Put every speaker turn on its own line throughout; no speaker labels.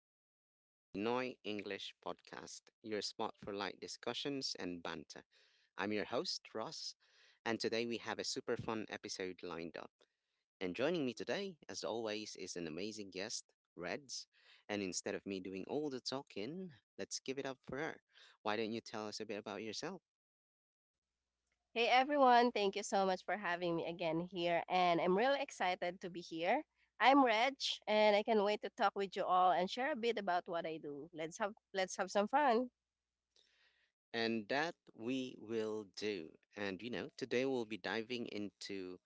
welcome back to the Pinoy English Podcast, your spot for light discussions and banter. I'm your host, Ross, and today we have a super fun episode lined up. And joining me today, as always, is an amazing guest, Reds. And instead of me doing all the talking, let's give it up for her. Why don't you tell us a bit about yourself?
Hey everyone, thank you so much for having me again here. And I'm really excited to be here. I'm Reg and I can not wait to talk with you all and share a bit about what I do. Let's have some fun.
And that we will do. And today we'll be diving into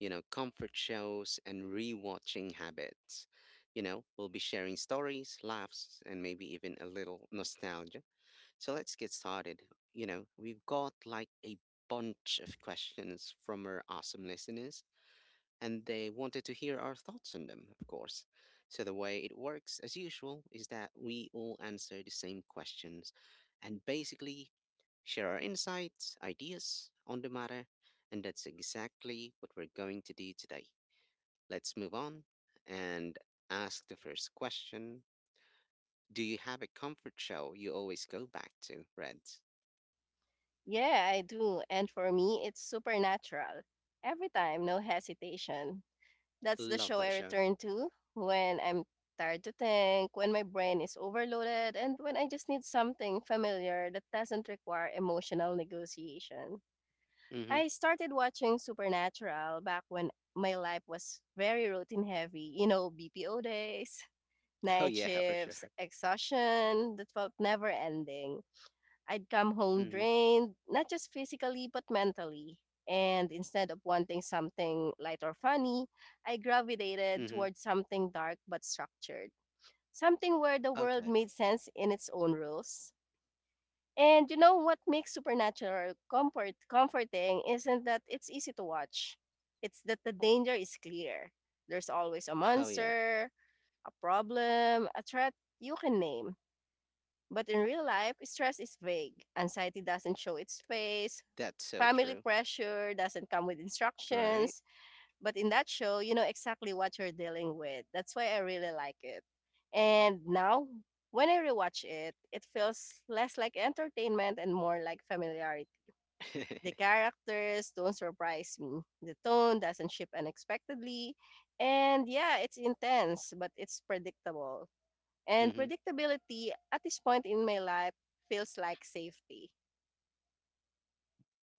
comfort shows and rewatching habits. We'll be sharing stories, laughs, and maybe even a little nostalgia. So let's get started. We've got like a bunch of questions from our awesome listeners, and they wanted to hear our thoughts on them, of course. So, the way it works, as usual, is that we all answer the same questions and basically share our insights, ideas on the matter, and that's exactly what we're going to do today. Let's move on and ask the first question. Do you have a comfort show you always go back to, Reds?
Yeah, I do. And for me, it's Supernatural. Every time, no hesitation. That's the
Love
show I
that show.
return to when I'm tired to think, when my brain is overloaded, and when I just need something familiar that doesn't require emotional negotiation.
Hmm.
I started watching Supernatural back when my life was very routine heavy. You know, BPO days,
Oh,
night
yeah, for sure.
shifts, exhaustion that felt never ending. I'd come home
Hmm.
drained, not just physically, but mentally. And instead of wanting something light or funny, I gravitated
Hmm.
towards something dark but structured. Something where the world
Okay.
made sense in its own rules. And you know what makes Supernatural comforting isn't that it's easy to watch. It's that the danger is clear. There's always a
Oh, yeah.
monster, a problem, a threat you can name. But in real life, stress is vague. Anxiety doesn't show its face.
That's so
Family
true.
pressure doesn't come with
Right?
instructions. But in that show, you know exactly what you're dealing with. That's why I really like it. And now, when I rewatch it, it feels less like entertainment and more like familiarity. The characters don't surprise me. The tone doesn't shift unexpectedly. And yeah, it's intense, but it's predictable. And
Hmm.
predictability at this point in my life feels like safety.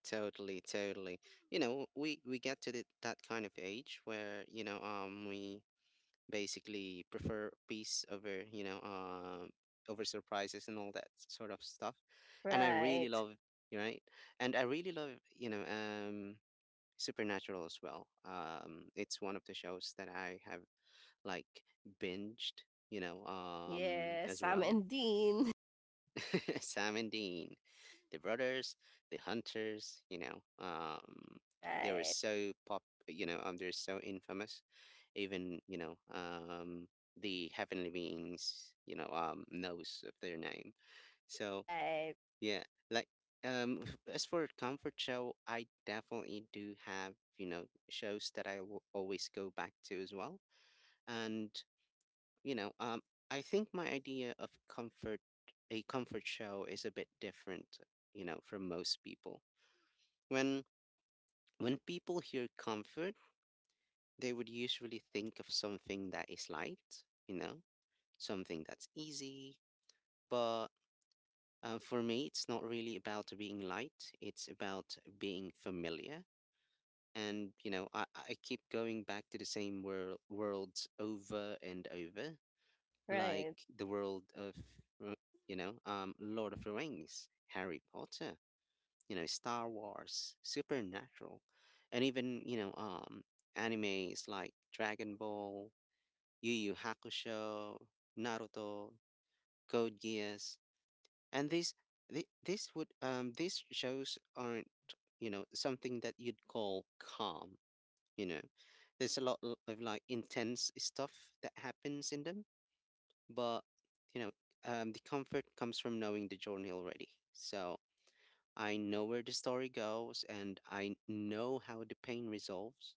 Totally, totally. You know, we get to that kind of age where, we basically prefer peace over, surprises and all that sort of stuff. And I really
Right.
love, You're right? And I really love, Supernatural as well. It's one of the shows that I have, like, binged
Yes,
as
Sam
well.
and Dean.
Sam and Dean. The brothers, the hunters, you know, they were
Right.
so pop, you know, they're so infamous. Even the heavenly beings knows of their name. So
Right.
yeah, like as for comfort show, I definitely do have, you know, shows that I will always go back to as well. And you know, um, I think my idea of comfort, a comfort show, is a bit different, from most people. When when people hear comfort, they would usually think of something that is light. You know, something that's easy. But for me, it's not really about being light. It's about being familiar. And you know, I keep going back to the same worlds over and over, like
Right.
the world of, uh, Lord of the Rings, Harry Potter, Star Wars, Supernatural, and even, animes like Dragon Ball, Yu Yu Hakusho, Naruto, Code Geass. And these, the- these would, um, these shows aren't, you know, something that you'd call calm, you know. There's a lot of, like, intense stuff that happens in them, but you know the comfort comes from knowing the journey already. So I know where the story goes, and I know how the pain resolves,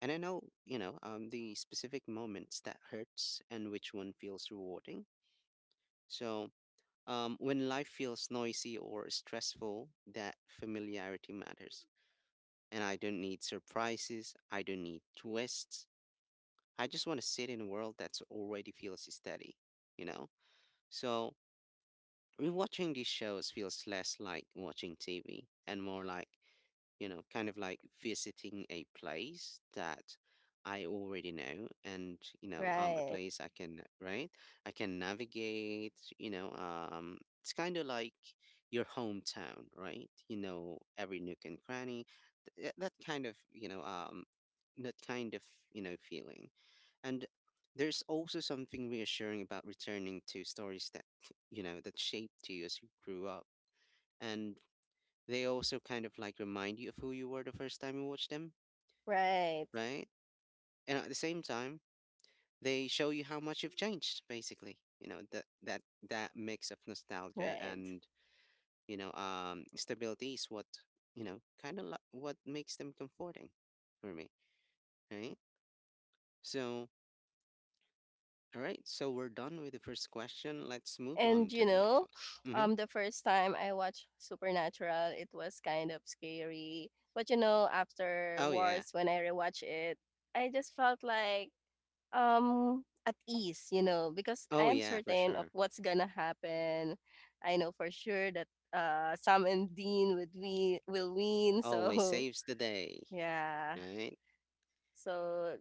and I know, the specific moments that hurts and which one feels rewarding. So, when life feels noisy or stressful, that familiarity matters. And I don't need surprises, I don't need twists. I just want to sit in a world that's already feels steady, you know so. Rewatching these shows feels less like watching TV and more like, kind of like visiting a place that I already know, and a
Right.
place I can — right? I can navigate it's kind of like your hometown, right? You know, every nook and cranny, th- that kind of, you know, that kind of, you know, feeling. And there's also something reassuring about returning to stories that shaped you as you grew up. And they also kind of like remind you of who you were the first time you watched them,
Right,
right? And at the same time, they show you how much you've changed, basically. That mix of nostalgia
right.
and, stability is what, makes them comforting for me, right? So, all right, so we're done with the first question. Let's move
And
on to
you
the next
know,
one. Mhm.
the first time I watched Supernatural, it was kind of scary. But you know,
Oh yeah.
afterwards when I rewatched it, I just felt like at ease, you know, because I
Oh
am
yeah, for
certain of
sure.
what's gonna happen. I know for sure that Sam and Dean would we will win.
Always
So
saves the day,
yeah.
right?
So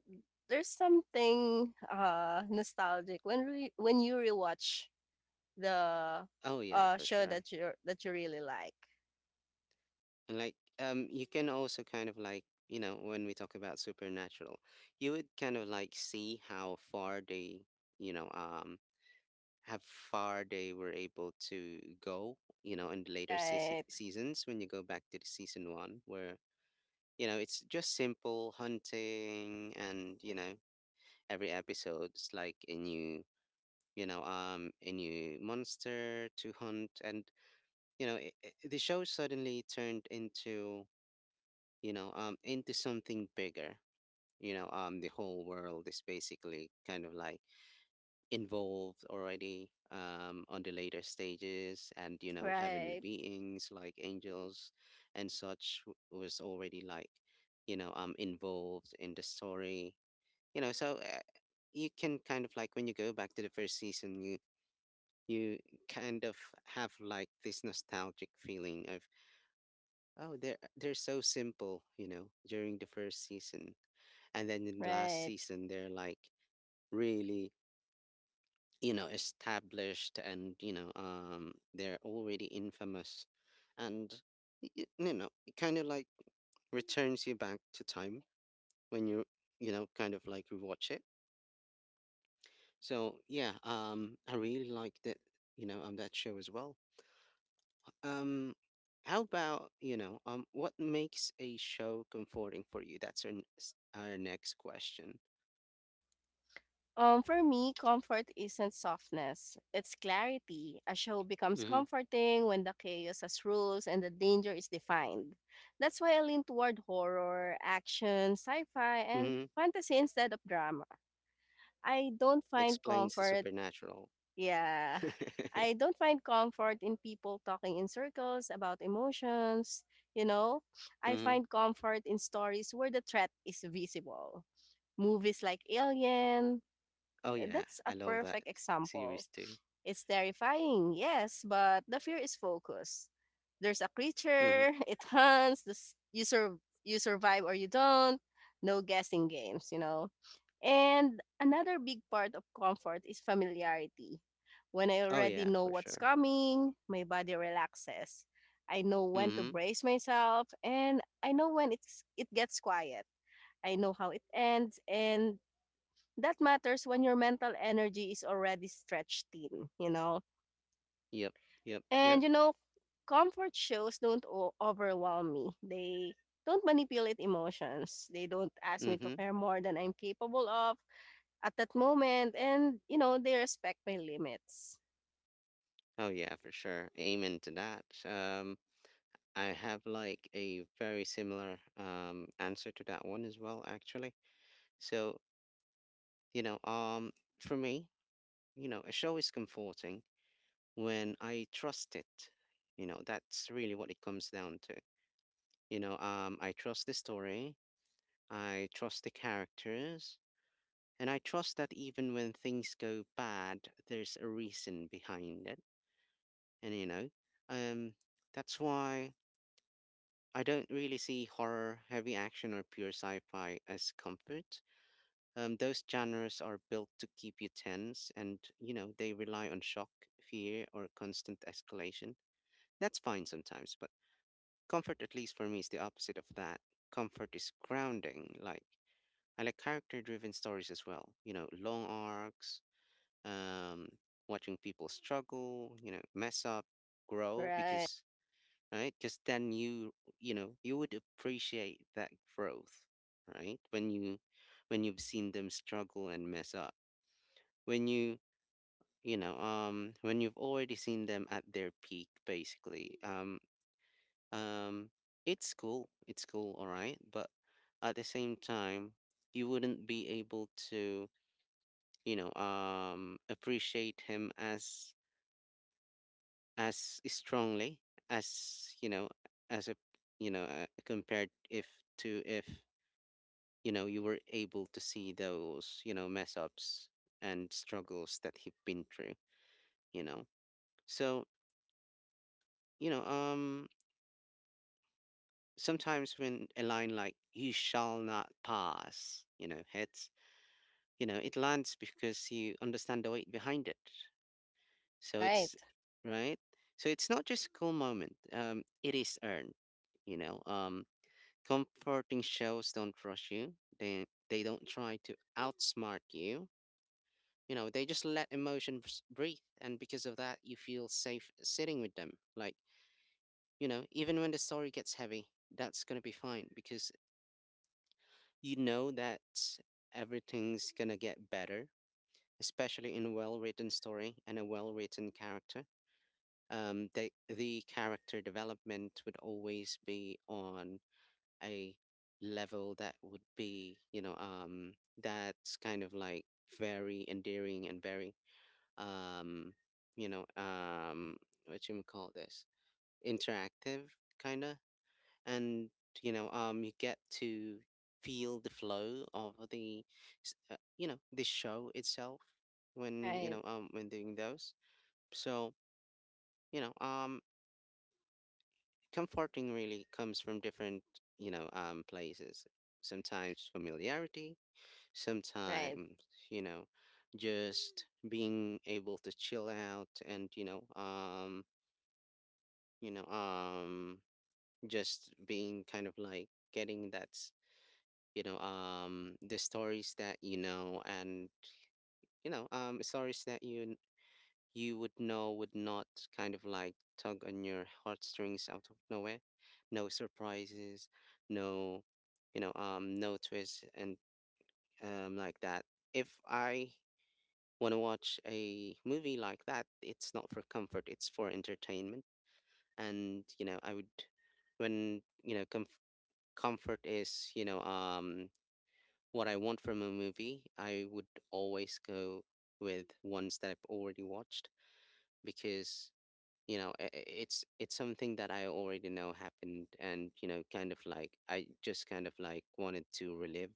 there's something nostalgic when when you rewatch the
Oh yeah, for
show
sure.
that you really like.
And, like you can also kind of like, you know, when we talk about supernatural, you would kind of like see how far they, you know, how far they were able to go, you know, in the later
Right,
seasons. When you go back to the season 1, where you know, it's just simple hunting, and, you know, every episode's like a new monster to hunt, and you know, I the show suddenly turned into something bigger. The whole world is basically kind of like involved already on the later stages, and you know, heavenly
right,
beings like angels and such was already, like involved in the story. You know, so you can kind of like, when you go back to the first season, you kind of have, like, this nostalgic feeling of, oh, they're so simple, you know, during the first season. And then in the last
right.
season, they're like really established, and they're already infamous. And it kind of like returns you back to time when you know kind of like, rewatch it. So yeah, I really liked it on that show as well. Um, how about, what makes a show comforting for you? That's our next question.
For me, comfort isn't softness, it's clarity. A show becomes
Mm-hmm.
comforting when the chaos has rules and the danger is defined. That's why I lean toward horror, action, sci fi, and
Mm-hmm.
fantasy instead of drama. I don't find
Explains the
comfort
supernatural.
Yeah.
Mm-hmm.
I don't find comfort in people talking in circles about emotions, you know. I find comfort in stories where the threat is visible. Movies like Alien,
Oh, yeah.
that's a
I love that
perfect example.
series too.
It's terrifying, yes, but the fear is focused. There's a
Mm-hmm.
creature, it hunts, the s- you, sur- you survive or you don't. No guessing games, you know. And another big part of comfort is familiarity. When I
Oh,
already
yeah,
know
for
what's
sure.
coming, my body relaxes. I know when to
Mm-hmm.
brace myself and I know when it gets quiet. I know how it ends and that matters when your mental energy is already stretched thin, you know.
Yep. Yep.
And
Yep.
you know, comfort shows don't overwhelm me. They don't manipulate emotions. They don't ask me to
Mm-hmm.
care more than I'm capable of at that moment and you know they respect my limits.
Oh, yeah, for sure. Amen to that. I have, like, a very similar answer to that one as well, actually. So, you know, um, for me, a show is comforting when I trust it. That's really what it comes down to. I trust the story, I trust the characters, and I trust that even when things go bad, there's a reason behind it. And, um, that's why I don't really see horror, heavy action, or pure sci fi as comfort. Those genres are built to keep you tense, and, they rely on shock, fear, or constant escalation. That's fine sometimes, but comfort, at least for me, is the opposite of that. Comfort is grounding. Like, I like character driven stories as well, you know, long arcs, um, watching people struggle, you know, mess up, grow,
Right,
because — right? Because then you, you would appreciate that growth, right? When you've seen them struggle and mess up, when you, when you've already seen them at their peak, basicallyUm, it's cool. It's cool, all right. But at the same time, you wouldn't be able to, appreciate him as strongly as you know as a you know compared if to if you were able to see those, you know, mess ups and struggles that he've been through. You know, so you know, um, sometimes when a line like "You shall not pass," you know, hits it lands because you understand the weight behind it. So
right,
it's — right? So it's not just a cool moment, it is earned. you know um Comforting shows don't rush you, they don't try to outsmart you. You know, they just let emotions breathe, and because of that, you feel safe sitting with them. Like, you know, even when the story gets heavy, that's going to be fine because you know that everything's going to get better, especially in well-written story and a well-written character. The character development would always be on a level that would be, that's kind of like very endearing and very, um, you know, um, what you call this, interactive kind of. And you get to feel the flow of the show itself when
right,
when doing those. So, you know um comforting really comes from different, places. Sometimes familiarity,
right,
sometimes, you know just being able to chill out. And you know um you know um just being kind of like getting that, the stories that you know. And stories that you would know would not kind of like tug on your heartstrings out of nowhere. No surprises, no, no twists and like that. If I want to watch a movie like that, it's not for comfort, it's for entertainment. And I would, when, comfort is, what I want from a movie, I would always go with ones that I've already watched. Because, it's something that I already know happened, and, kind of like I just kind of like wanted to relive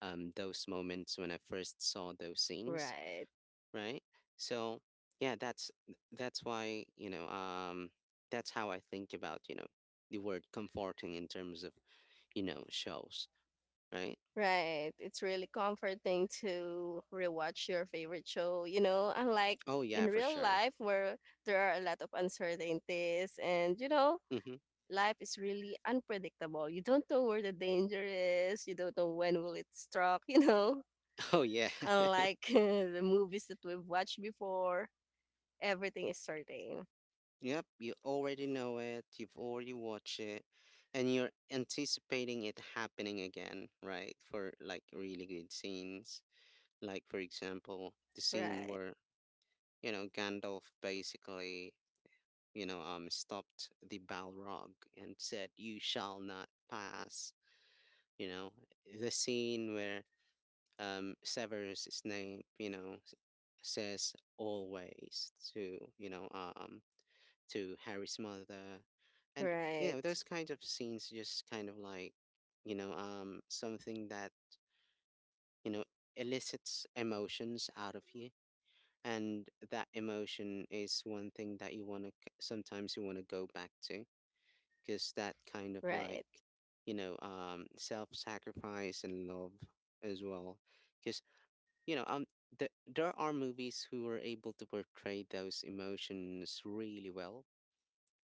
those moments when I first saw those scenes,
right,
right? So yeah, that's why, that's how I think about, the word comforting in terms of, shows, right?
right. It's really comforting to rewatch your favorite show, you know, unlike
Oh
in
yeah, for
real
sure.
life where there are a lot of uncertainties and you know
Mm-hmm.
life is really unpredictable. You don't know where the danger is. You don't know when will it struck, you know,
Oh yeah.
unlike the movies that we've watched before. Everything is certain.
Yep, you already know it, you've already watched it, and you're anticipating it happening again, right? For like really good scenes. Like for example, the scene
Right.
where, Gandalf basically, stopped the Balrog and said, "You shall not pass, you know. The scene where Severus Snape, says "always" to, to Harry's mother. And
Right.
those kinds of scenes just kind of like, something that, you know, elicits emotions out of you. And that emotion is one thing that you want to sometimes you want to go back to, because that kind of like,
Right,
self-sacrifice and love as well. Because, you know, um there are movies who are able to portray those emotions really well,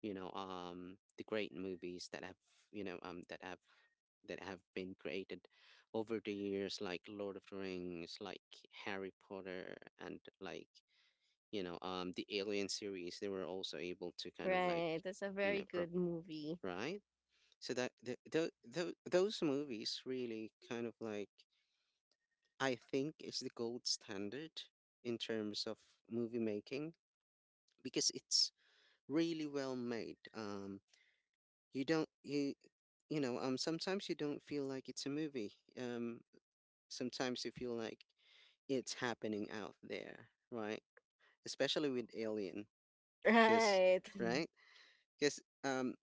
the great movies that have you know that have been created over the years, like Lord of the Rings, like Harry Potter, and like the Alien series. They were also able to kind of like,
right. That's a
you know
very good
pro-
movie.
right. So that the, those movies really kind of like, I think, is the gold standard in terms of movie making, because it's really well made. You don't you Sometimes you don't feel like it's a movie. Um Sometimes you feel like it's happening out there, right? Especially with Alien, cuz
Right,
right? Cuz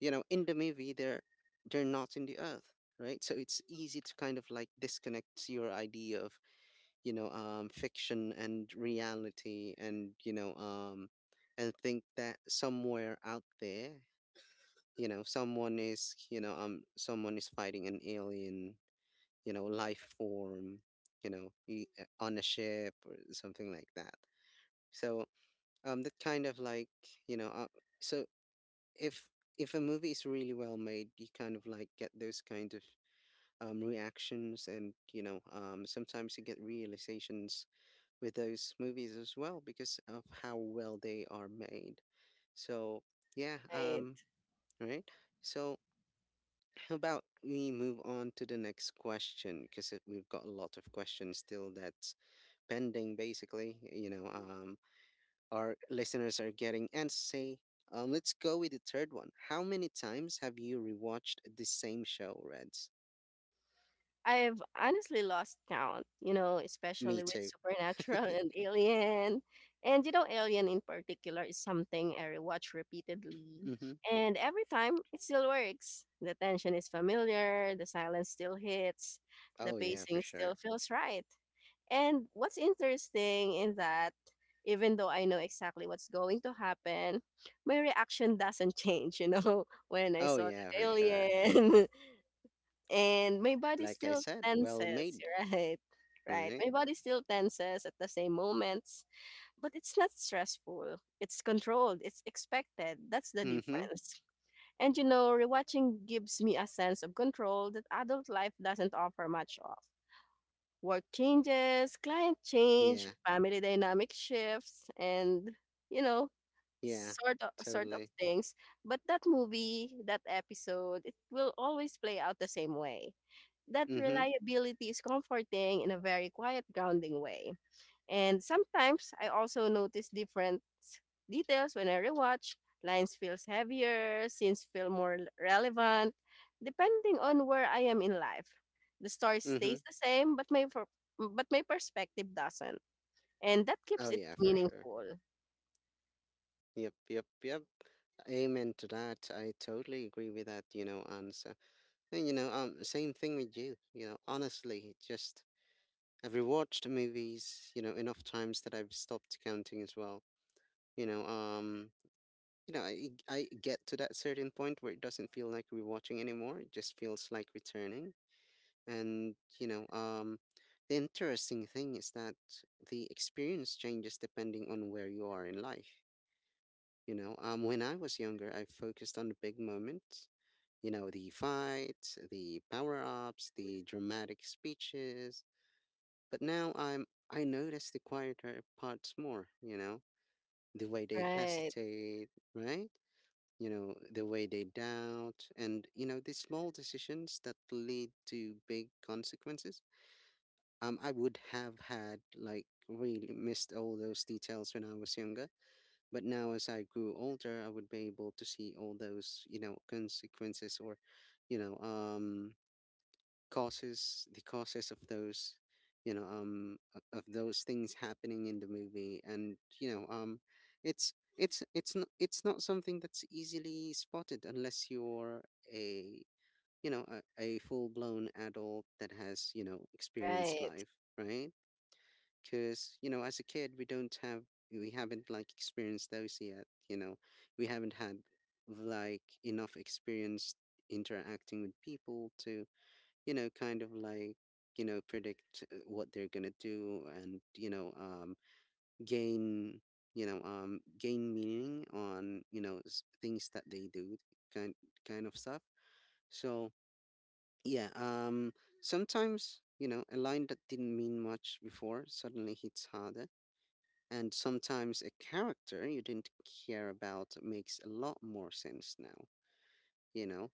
in the movie they're not in the earth, right? So it's easy to kind of like disconnect your idea of, fiction and reality, and and think that somewhere out there, someone is fighting an alien, life form, on a ship or something like that. So, that kind of like, you know uh, so, if if a movie is really well made, you kind of like get those kind of, reactions. And sometimes you get realizations with those movies as well, because of how well they are made. So yeah,
right.
right so. How about we move on to the next question? Because we've got a lot of questions still that's pending, basically. Our listeners are getting antsy. Let's go with the third one. How many times have you rewatched the same show, Reds?
I've honestly lost count, you know,
Me
especially with
too.
Supernatural and Alien. And, you know, Alien in particular is something I rewatch repeatedly.
Mm-hmm.
And every time it still works. The tension is familiar, the silence still hits, the
Oh, yeah, for
pacing still
sure.
feels right. And what's interesting in that, even though I know exactly what's going to happen, my reaction doesn't change, you know, when I
Oh,
saw
yeah,
the
for sure.
alien. And my body
Like I
still
said, well
tenses,
made,
right? Right.
right?
My body still tenses at the same moments, but it's not stressful. It's controlled. It's expected. That's the
Mm-hmm.
difference. And you know, rewatching gives me a sense of control that adult life doesn't offer much of. Work changes, client change,
Yeah,
family dynamic shifts, and you know,
yeah,
sort of
totally.
things. But that movie, that episode, it will always play out the same way. That
Mm-hmm.
reliability is comforting in a very quiet, grounding way. And sometimes I also notice different details when I rewatch. Lines feels heavier, scenes feel more relevant, depending on where I am in life. The story
Mm-hmm.
stays the same, but but my perspective doesn't, and that keeps
Oh,
it
yeah, for sure.
meaningful.
Yep, yep, yep. Amen to that. I totally agree with that, answer. And same thing with you. Honestly, just I've rewatched movies, enough times that I've stopped counting as well. You know, um, I get to that certain point where it doesn't feel like rewatching anymore. It just feels like returning. And the interesting thing is that the experience changes depending on where you are in life. When I was younger, I focused on the big moments. The fights, the power ups, the dramatic speeches. But now I notice the quieter parts more, the way they
Right,
hesitate, right? The way they doubt, and the small decisions that lead to big consequences. I would have had like really missed all those details when I was younger. But now, as I grew older, I would be able to see all those, consequences or, you know, um, causes the causes of those you know o- of those things happening in the movie. And it's not something that's easily spotted unless you're a a full-blown adult that has, experienced
right,
life, right? Because as a kid, we haven't like experienced those yet. We haven't had like enough experience interacting with people to, kind of like, predict, what they're gonna do, and, you know, gain, you know, gain meaning on, things that they do, kind kind of stuff. So yeah, sometimes, a line that didn't mean much before suddenly hits harder. And sometimes a character you didn't care about makes a lot more sense now, you know?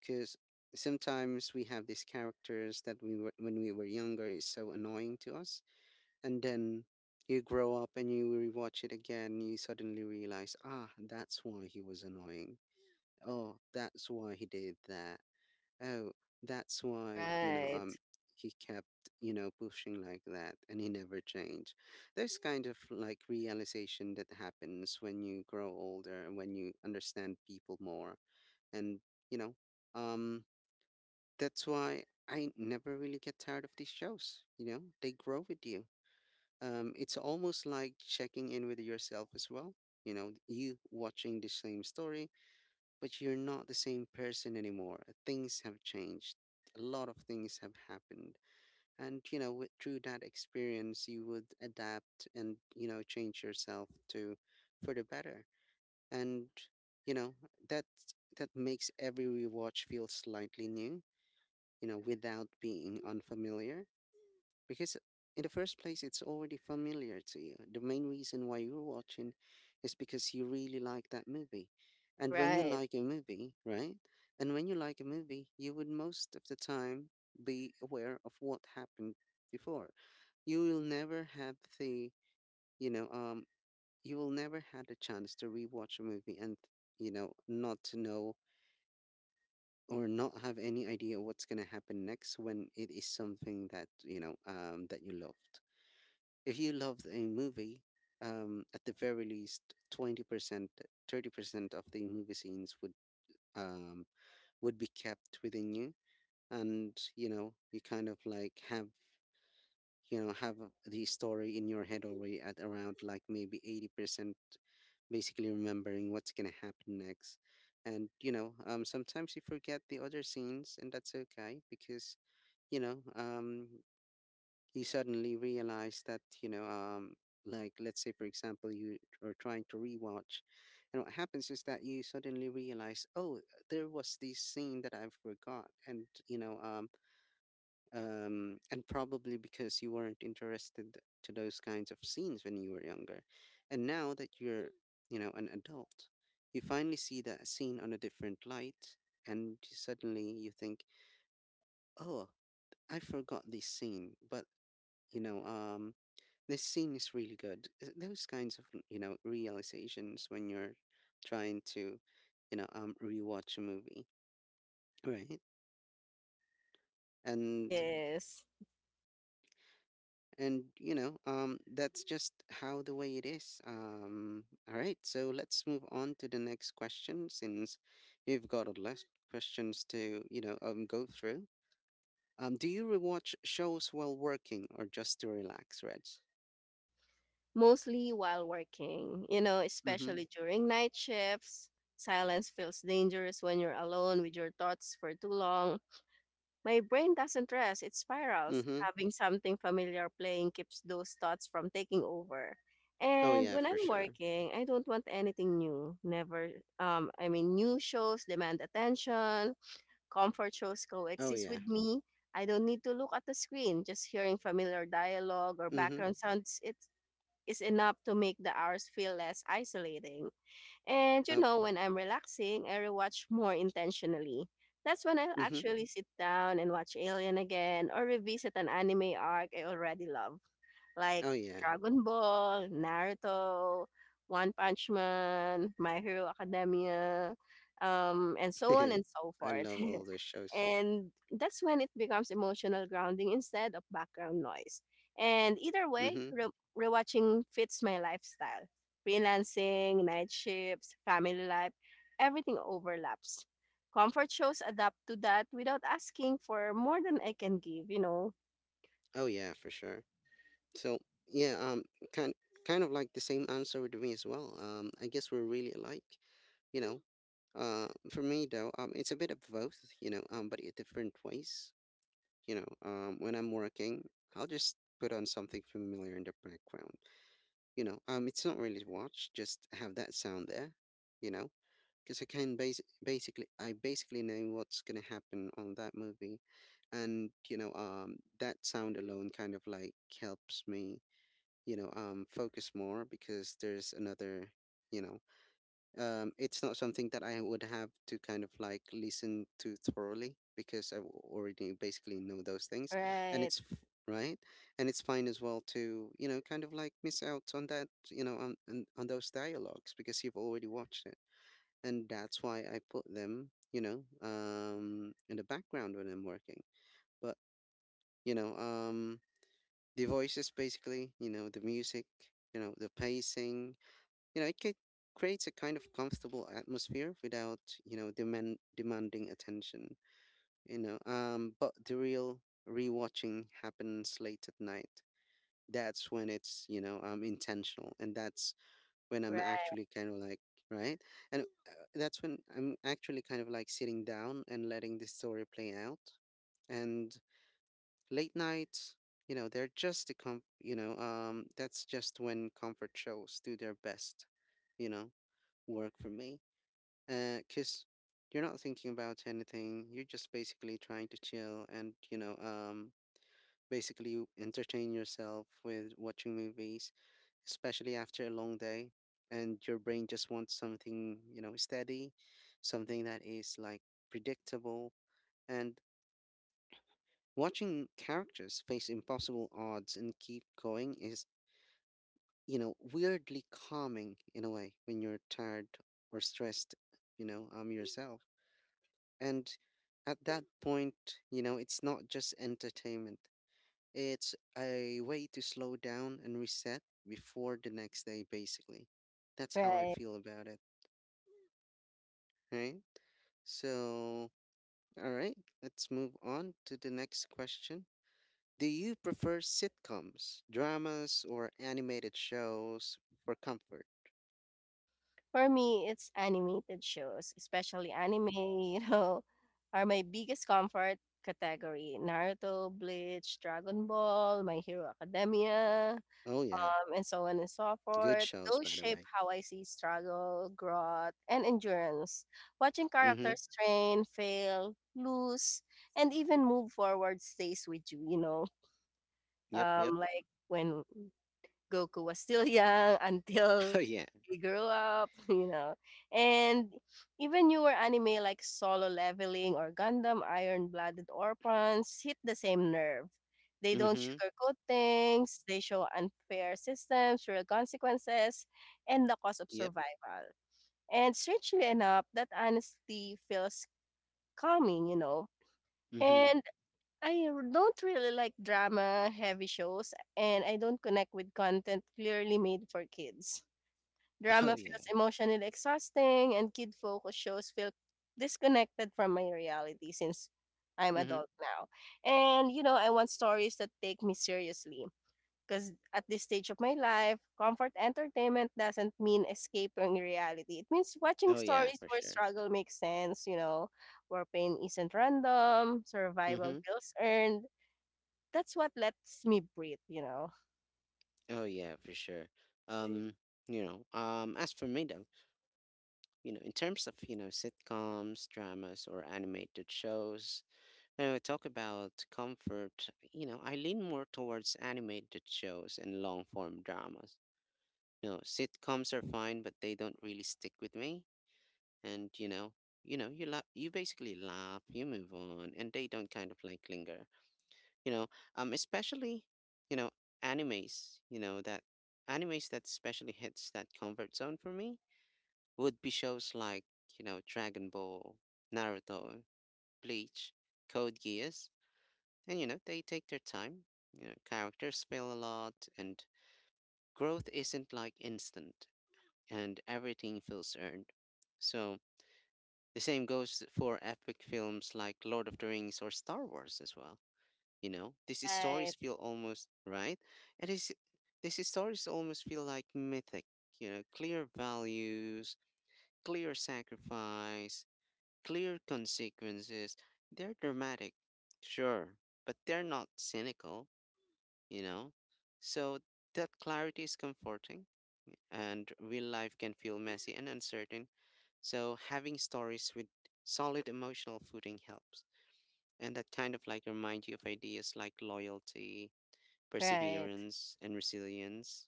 Because sometimes we have these characters that when we were younger, is so annoying to us. And then you grow up, and you rewatch it again, you suddenly realize, ah, that's why he was annoying. Oh, that's why he did that. Oh, that's why,
right,
he kept, pushing like that, and he never changed. There's kind of like realization that happens when you grow older, and when you understand people more. And you know um that's why I never really get tired of these shows. You know, they grow with you. It's almost like checking in with yourself as well. You know, you watching the same story, but you're not the same person anymore. Things have changed. A lot of things have happened. And, you know, through that experience, you would adapt, and, you know, change yourself to, for the better. And, you know, that that makes every rewatch feel slightly new, without being unfamiliar. Because in the first place, it's already familiar to you. The main reason why you're watching is because you really like that movie. And when you
right.
like a movie, right? And when you like a movie, you would most of the time be aware of what happened before. You will never have the, you know, You will never had a chance to rewatch a movie, and, you know, not to know or not have any idea what's going to happen next, when it is something that, that you loved. If you loved a movie, at the very least 20%, 30% of the movie scenes would, um, would be kept within you. And you kind of like have the story in your head already at around like maybe 80%, basically remembering what's going to happen next. And sometimes you forget the other scenes, and that's okay, because, you know, um, you suddenly realize that, like let's say for example, you are trying to rewatch, and what happens is that you suddenly realize, oh, there was this scene that I forgot, and and probably because you weren't interested to those kinds of scenes when you were younger, and now that you're, you know, an adult, you finally see that scene on a different light, and suddenly you think, oh, I forgot this scene, but, you know um this scene is really good. Those kinds of, realizations when you're trying to, rewatch a movie, right? and
Yes,
and you know um that's just how the way it is. All right, so let's move on to the next question, since we've got a lot questions to, go through. Do you rewatch shows while working or just to relax, Reg?
mostly while working. You know,
Mm-hmm.
especially during night shifts. Silence feels dangerous when you're alone with your thoughts for too long. My brain doesn't rest, it spirals.
Mm-hmm.
Having something familiar playing keeps those thoughts from taking over.
Oh
And
yeah,
when
for
I'm
sure.
working, I don't want anything new. Never, I mean, new shows demand attention, comfort shows
Oh
coexist
yeah.
with me. I don't need to look at the screen. Just hearing familiar dialogue or
Mm-hmm.
background sounds it is enough to make the hours feel less isolating. And you
Oh.
know, when I'm relaxing, I rewatch more intentionally. That's when I'll
Mm-hmm.
actually sit down and watch Alien again or revisit an anime arc I already love, like
Oh yeah.
Dragon Ball, Naruto, One Punch Man, My Hero Academia, and so on and so
I
forth.
love all those shows.
And that's when it becomes emotional grounding instead of background noise. And either way,
Mm-hmm.
rewatching fits my lifestyle. Freelancing, night shifts, family life, everything overlaps. Comfort shows adapt to that without asking for more than I can give, you know?
Oh yeah, for sure. So yeah, kind kind of like the same answer with me as well. I guess we're really alike. You know, for me though, it's a bit of both. You know, but in different ways. You know, when I'm working, I'll just put on something familiar in the background. You know, it's not really to watch, just have that sound there. You know, because I can basically I basically know what's gonna happen on that movie, and that sound alone kind of like helps me focus more because there's another. you know it's not something that I would have to kind of like listen to thoroughly because I already basically know those things, and
Right,
it's f- right, and it's fine as well to kind of like miss out on that, on on those dialogues because you've already watched it, and that's why I put them, in the background when I'm working. But you know, um, the voices basically, the music, the pacing, you know, it ca- creates a kind of comfortable atmosphere without, demanding attention, but the real rewatching happens late at night. That's when it's, intentional, and that's when I'm
right,
actually kind of like, right? And that's when I'm actually kind of like sitting down and letting the story play out. And late nights, they're just the com, you know, that's just when comfort shows do their best, you know, work for me. Cause you're not thinking about anything. You're just basically trying to chill and, basically entertain yourself with watching movies, especially after a long day, and your brain just wants something, steady, something that is like predictable. And watching characters face impossible odds and keep going is, weirdly calming in a way when you're tired or stressed, yourself. And at that point, it's not just entertainment. It's a way to slow down and reset before the next day, basically. That's how I
right.
feel about it. Right? So, all right, let's move on to the next question. Do you prefer sitcoms, dramas, or animated shows for comfort?
For me, it's animated shows, especially anime, you know, are my biggest comfort category. Naruto, Bleach, Dragon Ball, My Hero Academia.
Oh, yeah.
And so on and so
Good
forth.
shows,
Those
by the
shape
way.
how I see struggle, growth, and endurance. Watching
Mm hmm.
characters train, fail, lose, and even move forward stays with you, you know.
Yep, yep.
Like when Goku was still young
Oh,
until
yeah.
he grew up, you know. And even newer anime like Solo Leveling or Gundam Iron Blooded Orphans hit the same nerve. They
Mm
don't
hmm.
sugarcoat things, they show unfair systems, real consequences, and the cost of
Yep.
survival. And strangely enough, that honesty feels calming, you know.
Mm hmm.
And don't really like drama heavy shows and I don't connect with content clearly made for kids.
Oh,
Drama
yeah.
feels emotionally exhausting and kid focused shows feel disconnected from my reality since I'm
Mm hmm.
adult now. And you know, I want stories that take me seriously because at this stage of my life, comfort entertainment doesn't mean escaping reality. It means watching
Oh, yeah,
stories
for
where
sure.
struggle makes sense, you know, where pain isn't random,
Mm
survival
hmm.
feels earned. That's what lets me breathe, you know.
Oh, yeah, for sure. Um, as for me though, in terms of, sitcoms, dramas, or animated shows, now, talk about comfort. You know, I lean more towards animated shows and long form dramas. You know, sitcoms are fine, but they don't really stick with me. And you basically laugh, you move on, and they don't kind of like linger. You know, Especially, you know, animes. You know that animes that especially hits that comfort zone for me would be shows like, Dragon Ball, Naruto, Bleach, Code Geass. And you know, they take their time. You know, characters fail a lot, and growth isn't like instant, and everything feels earned. So the same goes for epic films like Lord of the Rings or Star Wars as well. You know, these stories
Right,
feel almost right, and these stories almost feel like mythic. You know, clear values, clear sacrifice, clear consequences. They're dramatic, sure, but they're not cynical, you know? So that clarity is comforting, and real life can feel messy and uncertain. So having stories with solid emotional footing helps. And that kind of like remind you of ideas like loyalty,
right,
perseverance, and resilience,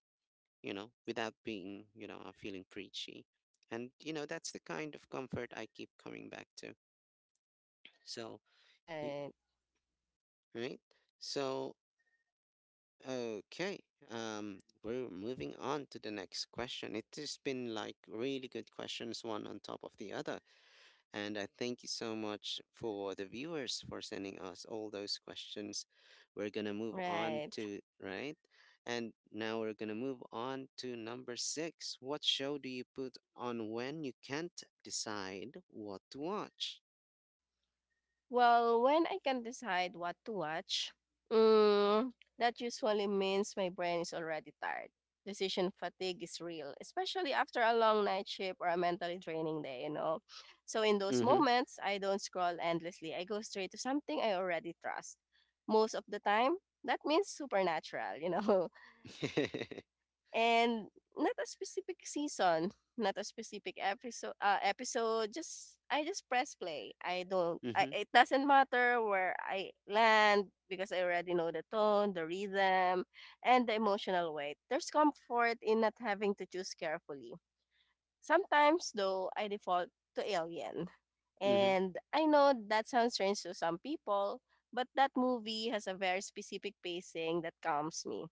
you know, without being, feeling preachy. And, you know, that's the kind of comfort I keep coming back to. So, y-
right,
right? So, okay, um, we're moving on to the next question. It has been like really good questions, one on top of the other. And I thank you so much for the viewers for sending us all those questions. We're gonna move on
right.
to, right? And now we're gonna move on to number six. What show do you put on when you can't decide what to watch?
Well, when I can decide what to watch, mm, that usually means my brain is already tired. Decision fatigue is real, especially after a long night shift or a mentally draining day, you know. So in those
Mm-hmm.
moments, I don't scroll endlessly. I go straight to something I already trust. Most of the time, that means Supernatural, you know. And not a specific season, not a specific episode. Episode, just I just press play. I don't. I
mm-hmm.
It doesn't matter where I land because I already know the tone, the rhythm, and the emotional weight. There's comfort in not having to choose carefully. Sometimes, though, I default to Alien,
Mm-hmm.
and I know that sounds strange to some people. But that movie has a very specific pacing that calms me.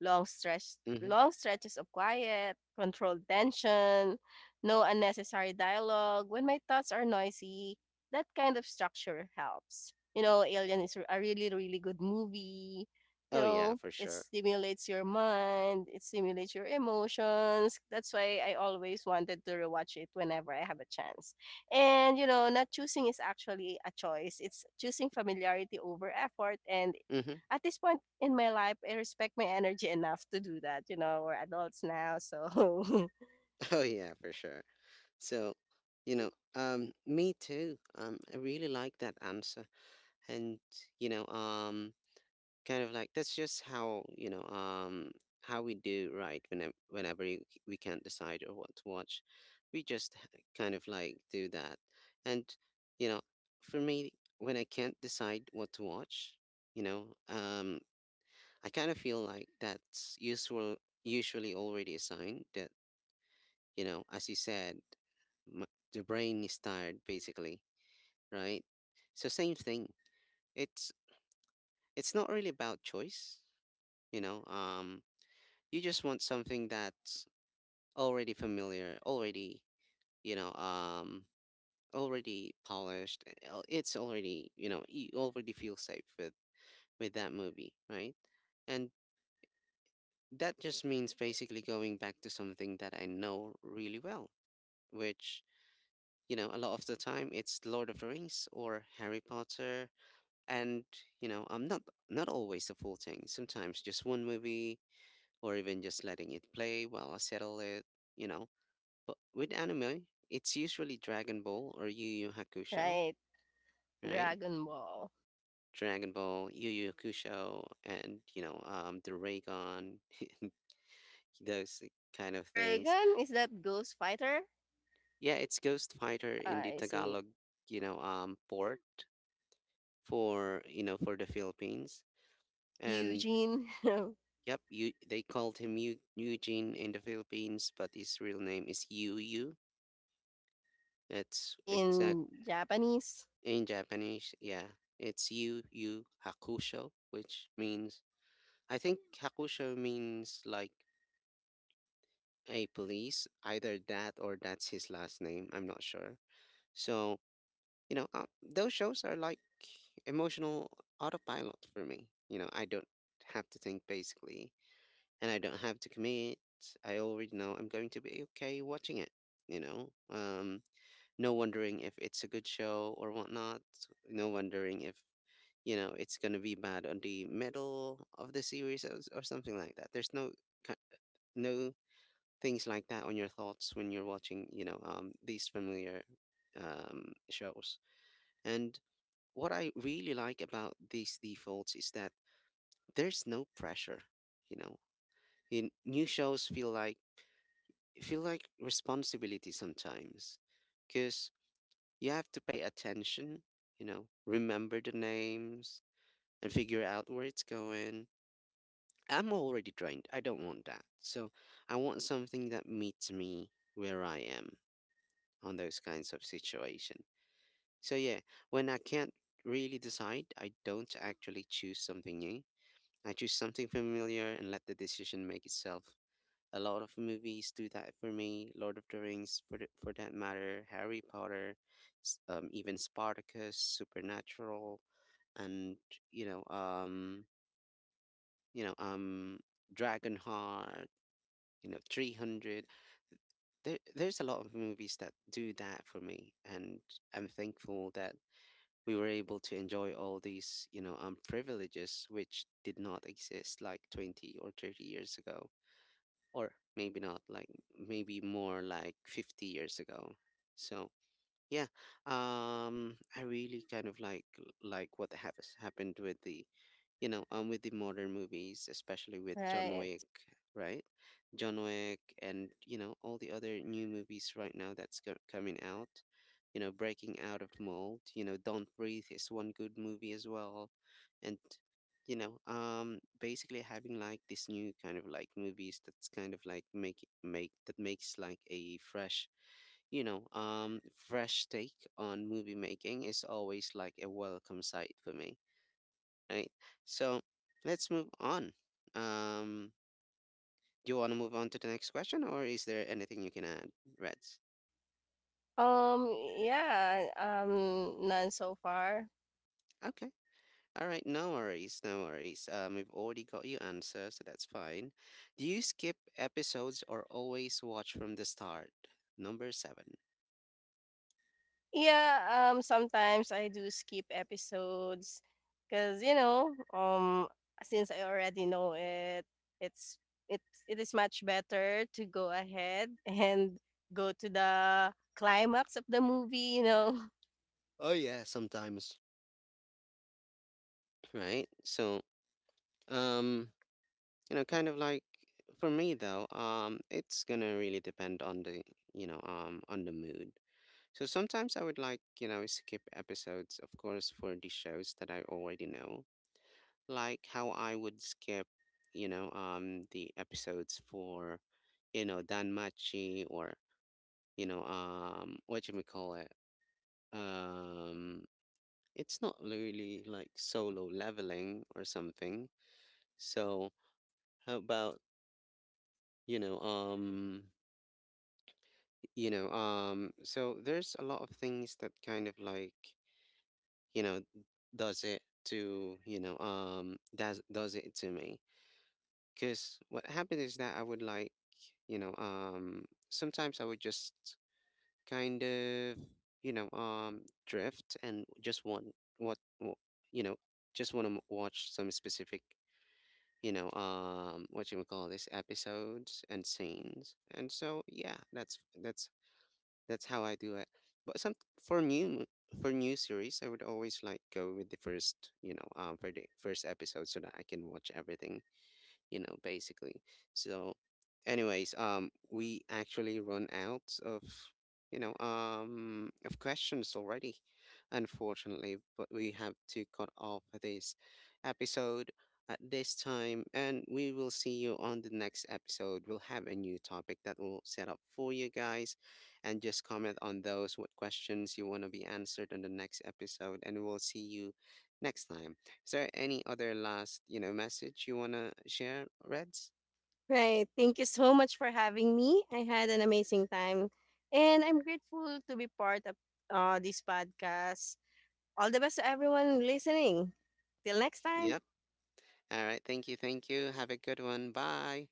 Mm-hmm.
Long stretches of quiet, controlled tension, no unnecessary dialogue. When my thoughts are noisy, that kind of structure helps. You know, Alien is a really good movie. You
Oh, yeah,
know,
for
it
sure.
stimulates your mind, it stimulates your emotions. That's why I always wanted to rewatch it whenever I have a chance. And you know, not choosing is actually a choice. It's choosing familiarity over effort and
Mm-hmm.
at this point in my life, I respect my energy enough to do that. You know, we're adults now, so.
Oh, yeah, for sure. So, me too. I really like that answer, and you know, um, kind of like that's just how, how we do, right, whenever we can't decide or what to watch, kind of like do that, and you know, for me, when I can't decide what to watch, you know, um, I kind of feel like that's usually already a sign that, as you said, m- the brain is tired basically, right? So same thing. It's It's not really about choice, you know um you just want something that's already familiar already, you know um already polished, it's already, you already feel safe with that movie, right? And that just means basically going back to something that I know really well, which, a lot of the time it's Lord of the Rings or Harry Potter. And I'm not always the full thing, sometimes just one movie, or even just letting it play while I settle it, you know but with anime it's usually Dragon Ball or Yu Yu Hakusho,
Right.
right?
Dragon Ball.
Dragon Ball, Yu Yu Hakusho, and the Raygon, those kind of things.
Reagan is that Ghost Fighter?
Yeah, it's Ghost Fighter in the
I see.
Tagalog, you know port for, for the Philippines, and
Eugene.
yep, you, they called him Eugene in the Philippines, but his real name is Yu Yu. That's exact.
In Japanese,
In Japanese. Yeah, it's Yu Yu Hakusho, which means, I think Hakusho means like a police, either that or that's his last name. I'm not sure. So those shows are like emotional autopilot for me. You know, I don't have to think basically, and I don't have to commit. I already know I'm going to be okay watching it, you know? No wondering if it's a good show or whatnot. No wondering if, it's going to be bad on the middle of the series, or something like that. There's no, ki- no things like that on your thoughts when you're watching, these familiar shows. And what I really like about these defaults is that there's no pressure, you know? In new shows feel like responsibility sometimes, because you have to pay attention, you know, remember the names and figure out where it's going. I'm already drained. I don't want that. So I want something that meets me where I am on those kinds of situation. So yeah, when I can't really decide, I don't actually choose something new. I choose something familiar and let the decision make itself. A lot of movies do that for me. Lord of the Rings, for for that matter, Harry Potter, even Spartacus, Supernatural, and you know, um, you know, um, Dragonheart, 300. There's a lot of movies that do that for me, and I'm thankful that we were able to enjoy all these, privileges which did not exist like 20 or 30 years ago, or maybe not like, maybe more like 50 years ago. So yeah, I really kind of like what has happened with the, with the modern movies, especially with John
right?
Wick, right? John Wick and, you know, all the other new movies right now that's coming out, you know, breaking out of the mold, you know, Don't Breathe is one good movie as well. And, basically having like this new kind of like movies that's kind of like makes like a fresh, fresh take on movie making is always like a welcome sight for me, right? So let's move on. Um, do you want to move on to the next question, or is there anything you can add, Reds?
Yeah. None so far.
Okay. All right. No worries. No worries. We've already got your answer, so that's fine. Do you skip episodes or always watch from the start? Number seven.
Yeah, sometimes I do skip episodes because you know, since I already know it, it's it it is much better to go ahead and go to the climax of the movie. You know,
Oh yeah, sometimes. Right. So, um, kind of like for me though, it's gonna really depend on the, on the mood. So sometimes I would like, skip episodes, of course, for the shows that I already know, like how I would skip, the episodes for, Dan Machi, or, what you may call it, um, it's not really like Solo Leveling or something. So how about, you know, um, so there's a lot of things that kind of like you know does it to, does it to me, because what happened is that I would like, sometimes I would just kind of, drift and just want what wa- you know just want to watch some specific, what you would call this episodes and scenes. And so yeah, that's that's how I do it. But some for new, for new series, I would always like go with the first, for the first episode, so that I can watch everything, you know, basically. So, anyways, we actually run out of, of questions already, unfortunately, but we have to cut off this episode at this time, and we will see you on the next episode. We'll have a new topic that we'll set up for you guys, and just comment on those what questions you want to be answered on the next episode, and we'll see you next time. Is there any other last, message you want to share, Reds?
right? Thank you so much for having me. I had an amazing time, and I'm grateful to be part of this podcast. All the best to everyone listening. Till next time.
Yep. All right. Thank you. Thank you. Have a good one. Bye.